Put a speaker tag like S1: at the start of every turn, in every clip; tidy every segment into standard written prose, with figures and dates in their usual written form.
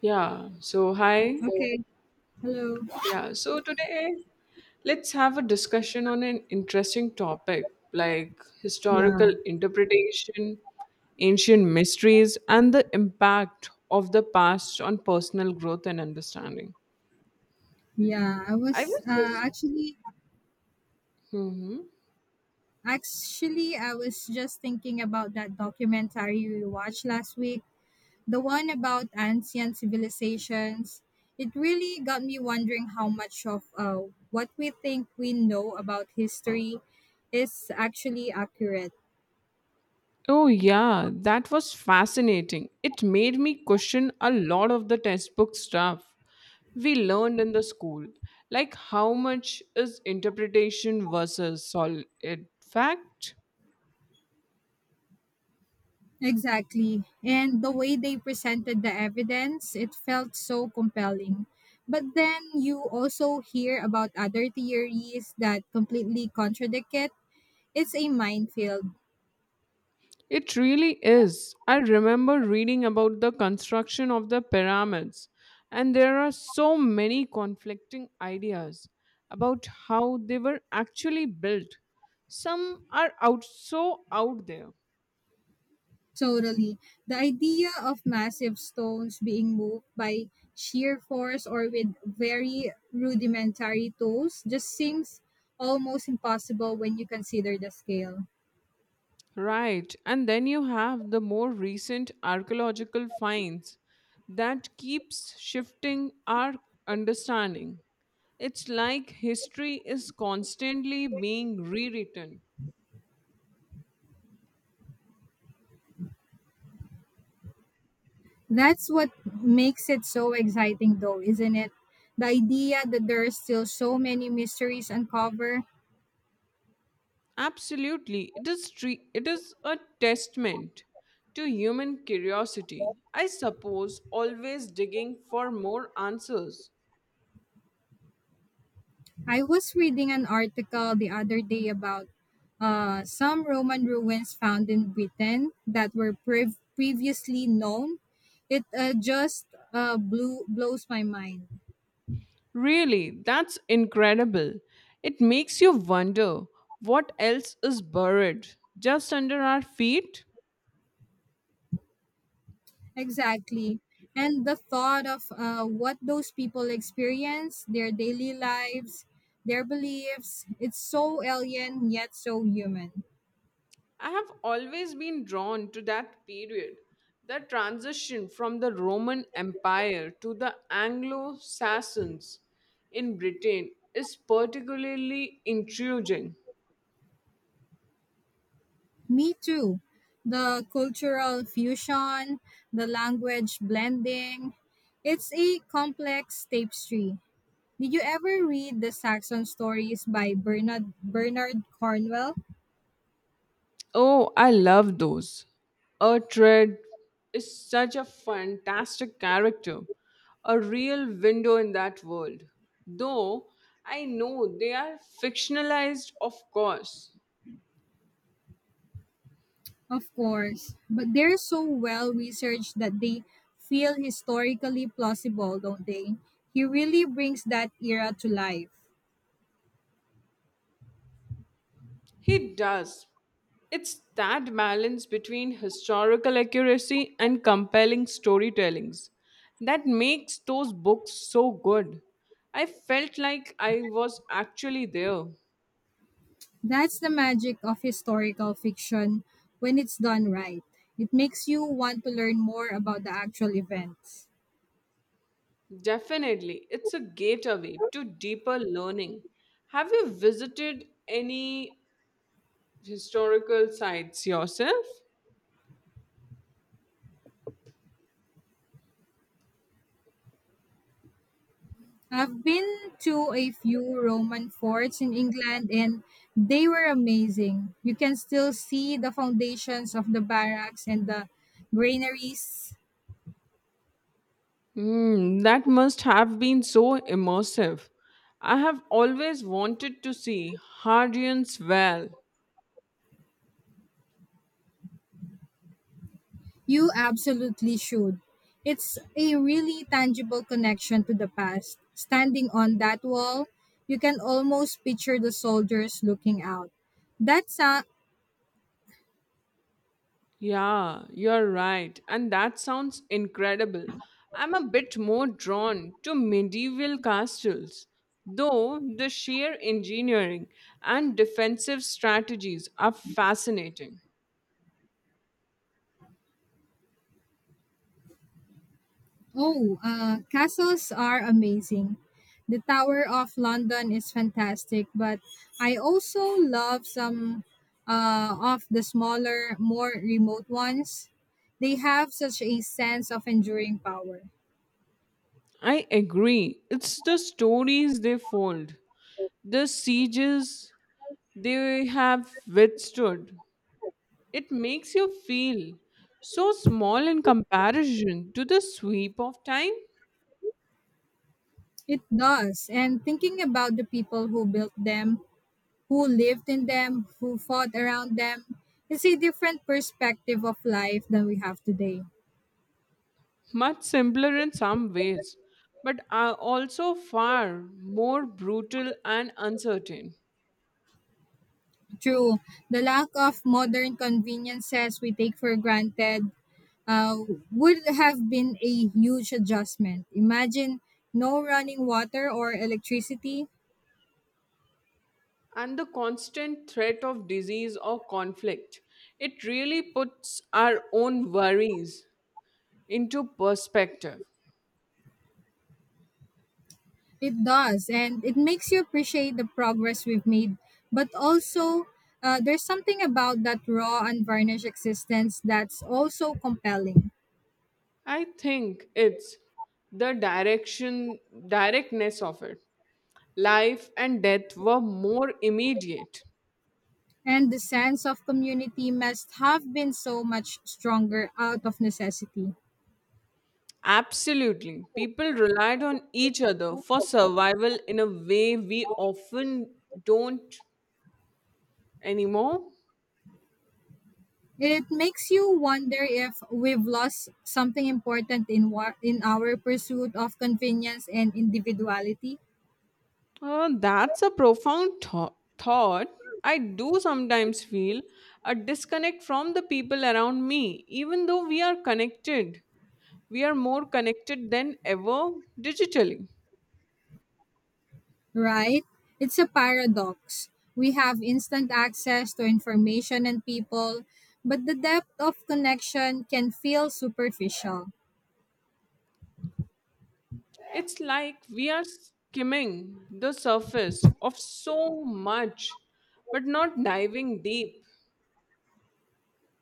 S1: Yeah, so hi.
S2: Okay. Hello.
S1: Yeah, so today let's have a discussion on an interesting topic like
S2: Yeah.
S1: historical interpretation, ancient mysteries, and the impact of the past on personal growth and understanding.
S2: Yeah, I
S1: I
S2: was
S1: was just.
S2: actually
S1: Mhm.
S2: actually I was just thinking about that documentary we watched last week, the one about ancient civilizations. It really got me wondering how much of what we think we know about history is actually accurate.
S1: Oh, yeah, that was fascinating. It made me question a lot of the textbook stuff we learned in the school, like how much is interpretation versus solid fact.
S2: Exactly. And the way they presented the evidence, it felt so compelling. But then you also hear about other theories that completely contradict it. It's a minefield.
S1: It really is. I remember reading about the construction of the pyramids, and there are so many conflicting ideas about how they were actually built. Some are out so out there.
S2: Totally. The idea of massive stones being moved by sheer force or with very rudimentary tools just seems almost impossible when you consider the scale.
S1: Right. And then you have the more recent archaeological finds that keeps shifting our understanding. It's like history is constantly being rewritten.
S2: That's what makes it so exciting, though, isn't it? The idea that there are still so many mysteries uncovered.
S1: Absolutely. It is it is a testament to human curiosity. I suppose always digging for more answers.
S2: I was reading an article the other day about some Roman ruins found in Britain that were previously known. It blows my mind.
S1: Really, that's incredible. It makes you wonder what else is buried just under our feet.
S2: Exactly. And the thought of what those people experience, their daily lives, their beliefs, it's so alien yet so human.
S1: I have always been drawn to that period, the transition from the Roman Empire to the Anglo Saxons in Britain is particularly intriguing.
S2: Me too. The cultural fusion, the language blending, it's a complex tapestry. Did you ever read the Saxon stories by Bernard Cornwell?
S1: Oh, I love those. Ertred is such a fantastic character, a real window in that world. Though I know they are fictionalized, of course.
S2: Of course, but they're so well researched that they feel historically plausible, don't they? He really brings that era to life.
S1: He does. It's that balance between historical accuracy and compelling storytellings that makes those books so good. I felt like I was actually there.
S2: That's the magic of historical fiction when it's done right. It makes you want to learn more about the actual events.
S1: Definitely, it's a gateway to deeper learning. Have you visited any historical sites yourself?
S2: I've been to a few Roman forts in England and they were amazing. You can still see the foundations of the barracks and the granaries.
S1: Hmm, that must have been so immersive. I have always wanted to see Hadrian's Wall.
S2: You absolutely should. It's a really tangible connection to the past. Standing on that wall, you can almost picture the soldiers looking out. That's a
S1: Yeah, you're right. And that sounds incredible. I'm a bit more drawn to medieval castles, though the sheer engineering and defensive strategies are fascinating.
S2: oh, Castles are amazing. The Tower of London is fantastic, but I also love some of the smaller, more remote ones. They have such a sense of enduring power.
S1: I agree. It's the stories they fold, the sieges they have withstood. It makes you feel so small in comparison to the sweep of time.
S2: It does. And thinking about the people who built them, who lived in them, who fought around them, it's a different perspective of life than we have today.
S1: Much simpler in some ways, but are also far more brutal and uncertain.
S2: True, the lack of modern conveniences we take for granted uh, would have been a huge adjustment. Imagine no running water or electricity.
S1: And the constant threat of disease or conflict, it really puts our own worries into perspective.
S2: It does, and it makes you appreciate the progress we've made. But also, there's something about that raw, unvarnished existence that's also compelling.
S1: I think it's the directness of it. Life and death were more immediate.
S2: And the sense of community must have been so much stronger out of necessity.
S1: Absolutely. People relied on each other for survival in a way we often don't anymore.
S2: It makes you wonder if we've lost something important in our pursuit of convenience and individuality.
S1: That's a profound thought. I do sometimes feel a disconnect from the people around me, even though we are connected. We are more connected than ever digitally.
S2: Right? It's a paradox. We have instant access to information and people, but the depth of connection can feel superficial.
S1: It's like we are skimming the surface of so much, but not diving deep.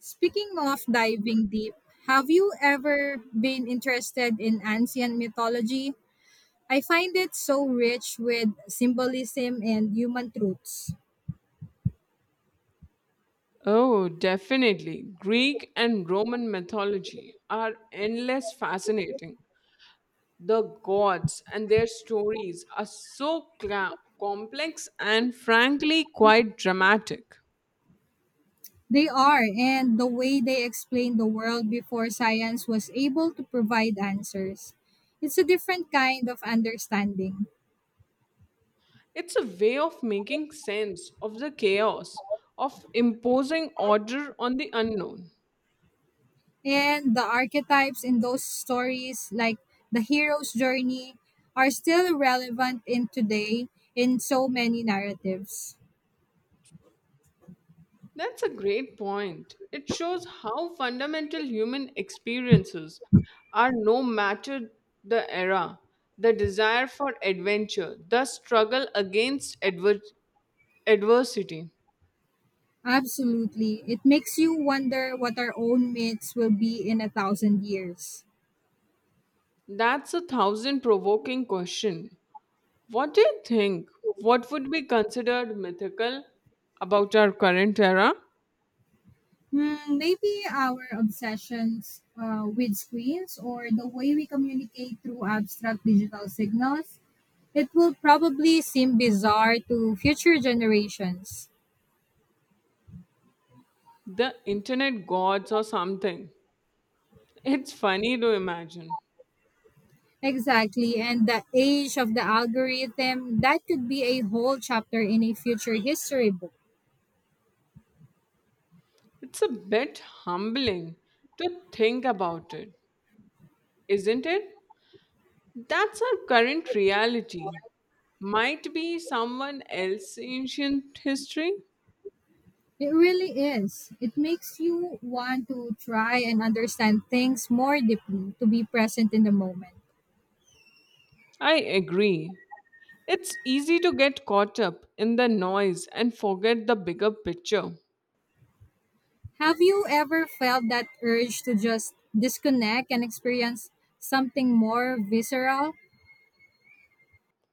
S2: Speaking of diving deep, have you ever been interested in ancient mythology? I find it so rich with symbolism and human truths.
S1: Oh, definitely. Greek and Roman mythology are endless fascinating. The gods and their stories are so complex and frankly quite dramatic.
S2: They are, and the way they explain the world before science was able to provide answers. It's a different kind of understanding.
S1: It's a way of making sense of the chaos, of imposing order on the unknown.
S2: And the archetypes in those stories, like the hero's journey, are still relevant in today in so many narratives.
S1: That's a great point. It shows how fundamental human experiences are no matter the era. The desire for adventure, the struggle against adversity.
S2: Absolutely. It makes you wonder what our own myths will be in a thousand years.
S1: That's a thousand provoking question. What do you think? What would be considered mythical about our current era?
S2: Hmm, maybe our obsessions with screens or the way we communicate through abstract digital signals, it will probably seem bizarre to future generations.
S1: The internet gods or something. It's funny to imagine.
S2: Exactly, and the age of the algorithm, that could be a whole chapter in a future history book.
S1: It's a bit humbling to think about it, isn't it? That's our current reality. Might be someone else's ancient history?
S2: It really is. It makes you want to try and understand things more deeply to be present in the moment.
S1: I agree. It's easy to get caught up in the noise and forget the bigger picture.
S2: Have you ever felt that urge to just disconnect and experience something more visceral?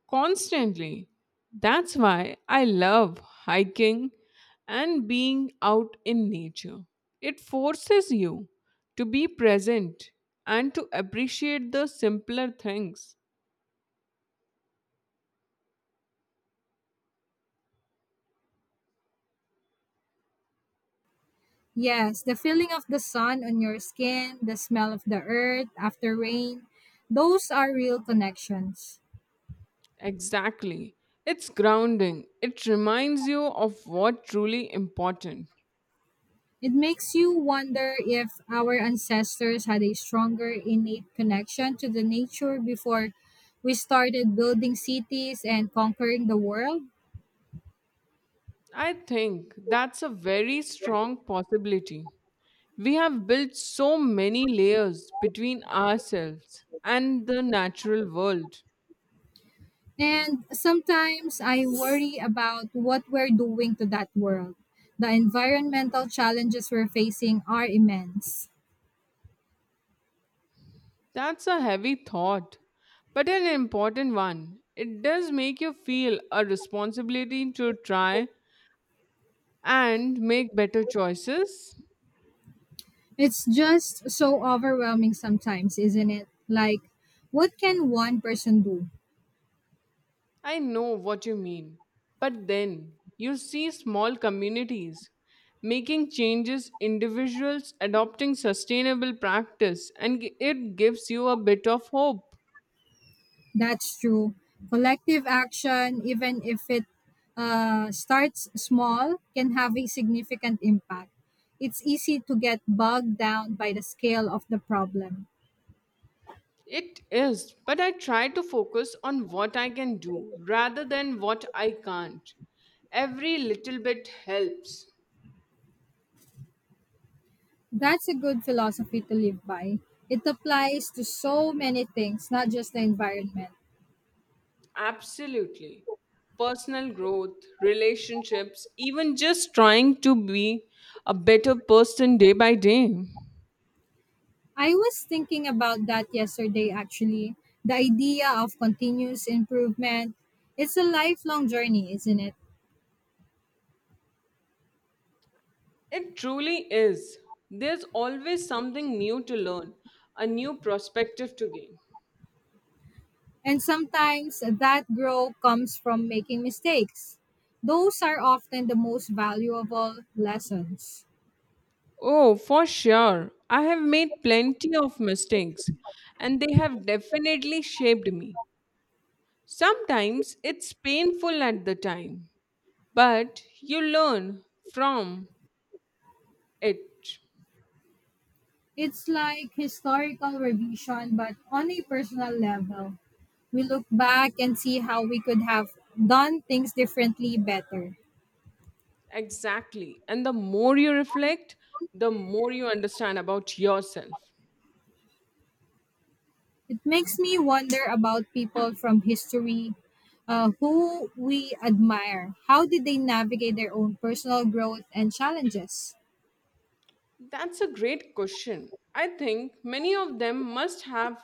S1: Constantly. That's why I love hiking and being out in nature. It forces you to be present and to appreciate the simpler things.
S2: Yes, the feeling of the sun on your skin, the smell of the earth after rain, those are real connections.
S1: Exactly. It's grounding. It reminds you of what truly important.
S2: It makes you wonder if our ancestors had a stronger innate connection to the nature before we started building cities and conquering the world.
S1: I think that's a very strong possibility. We have built so many layers between ourselves and the natural world.
S2: And sometimes I worry about what we're doing to that world. The environmental challenges we're facing are immense.
S1: That's a heavy thought, but an important one. It does make you feel a responsibility to try and make better choices.
S2: It's just so overwhelming sometimes, isn't it? Like, what can one person do?
S1: I know what you mean. But then you see small communities making changes, individuals adopting sustainable practice, and it gives you a bit of hope.
S2: That's true. Collective action, even if it starts small, can have a significant impact. It's easy to get bogged down by the scale of the problem.
S1: It is, but I try to focus on what I can do rather than what I can't. Every little bit helps.
S2: That's a good philosophy to live by. It applies to so many things, not just the environment.
S1: Absolutely. Personal growth, relationships, even just trying to be a better person day by day.
S2: I was thinking about that yesterday, actually. The idea of continuous improvement. It's a lifelong journey, isn't it?
S1: It truly is. There's always something new to learn, a new perspective to gain.
S2: And sometimes that growth comes from making mistakes. Those are often the most valuable lessons.
S1: Oh, for sure. I have made plenty of mistakes, and they have definitely shaped me. Sometimes it's painful at the time, but you learn from it.
S2: It's like historical revision, but on a personal level. We look back and see how we could have done things differently better.
S1: Exactly. And the more you reflect, the more you understand about yourself.
S2: It makes me wonder about people from history who we admire. How did they navigate their own personal growth and challenges?
S1: That's a great question. I think many of them must have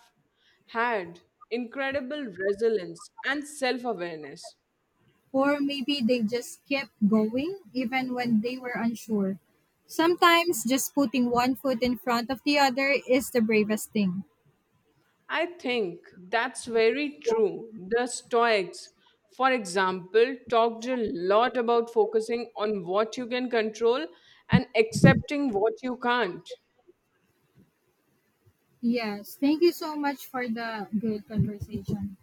S1: had incredible resilience and self awareness.
S2: Or maybe they just kept going even when they were unsure. Sometimes just putting one foot in front of the other is the bravest thing.
S1: I think that's very true. The Stoics, for example, talked a lot about focusing on what you can control and accepting what you can't.
S2: Yes, thank you so much for the good conversation.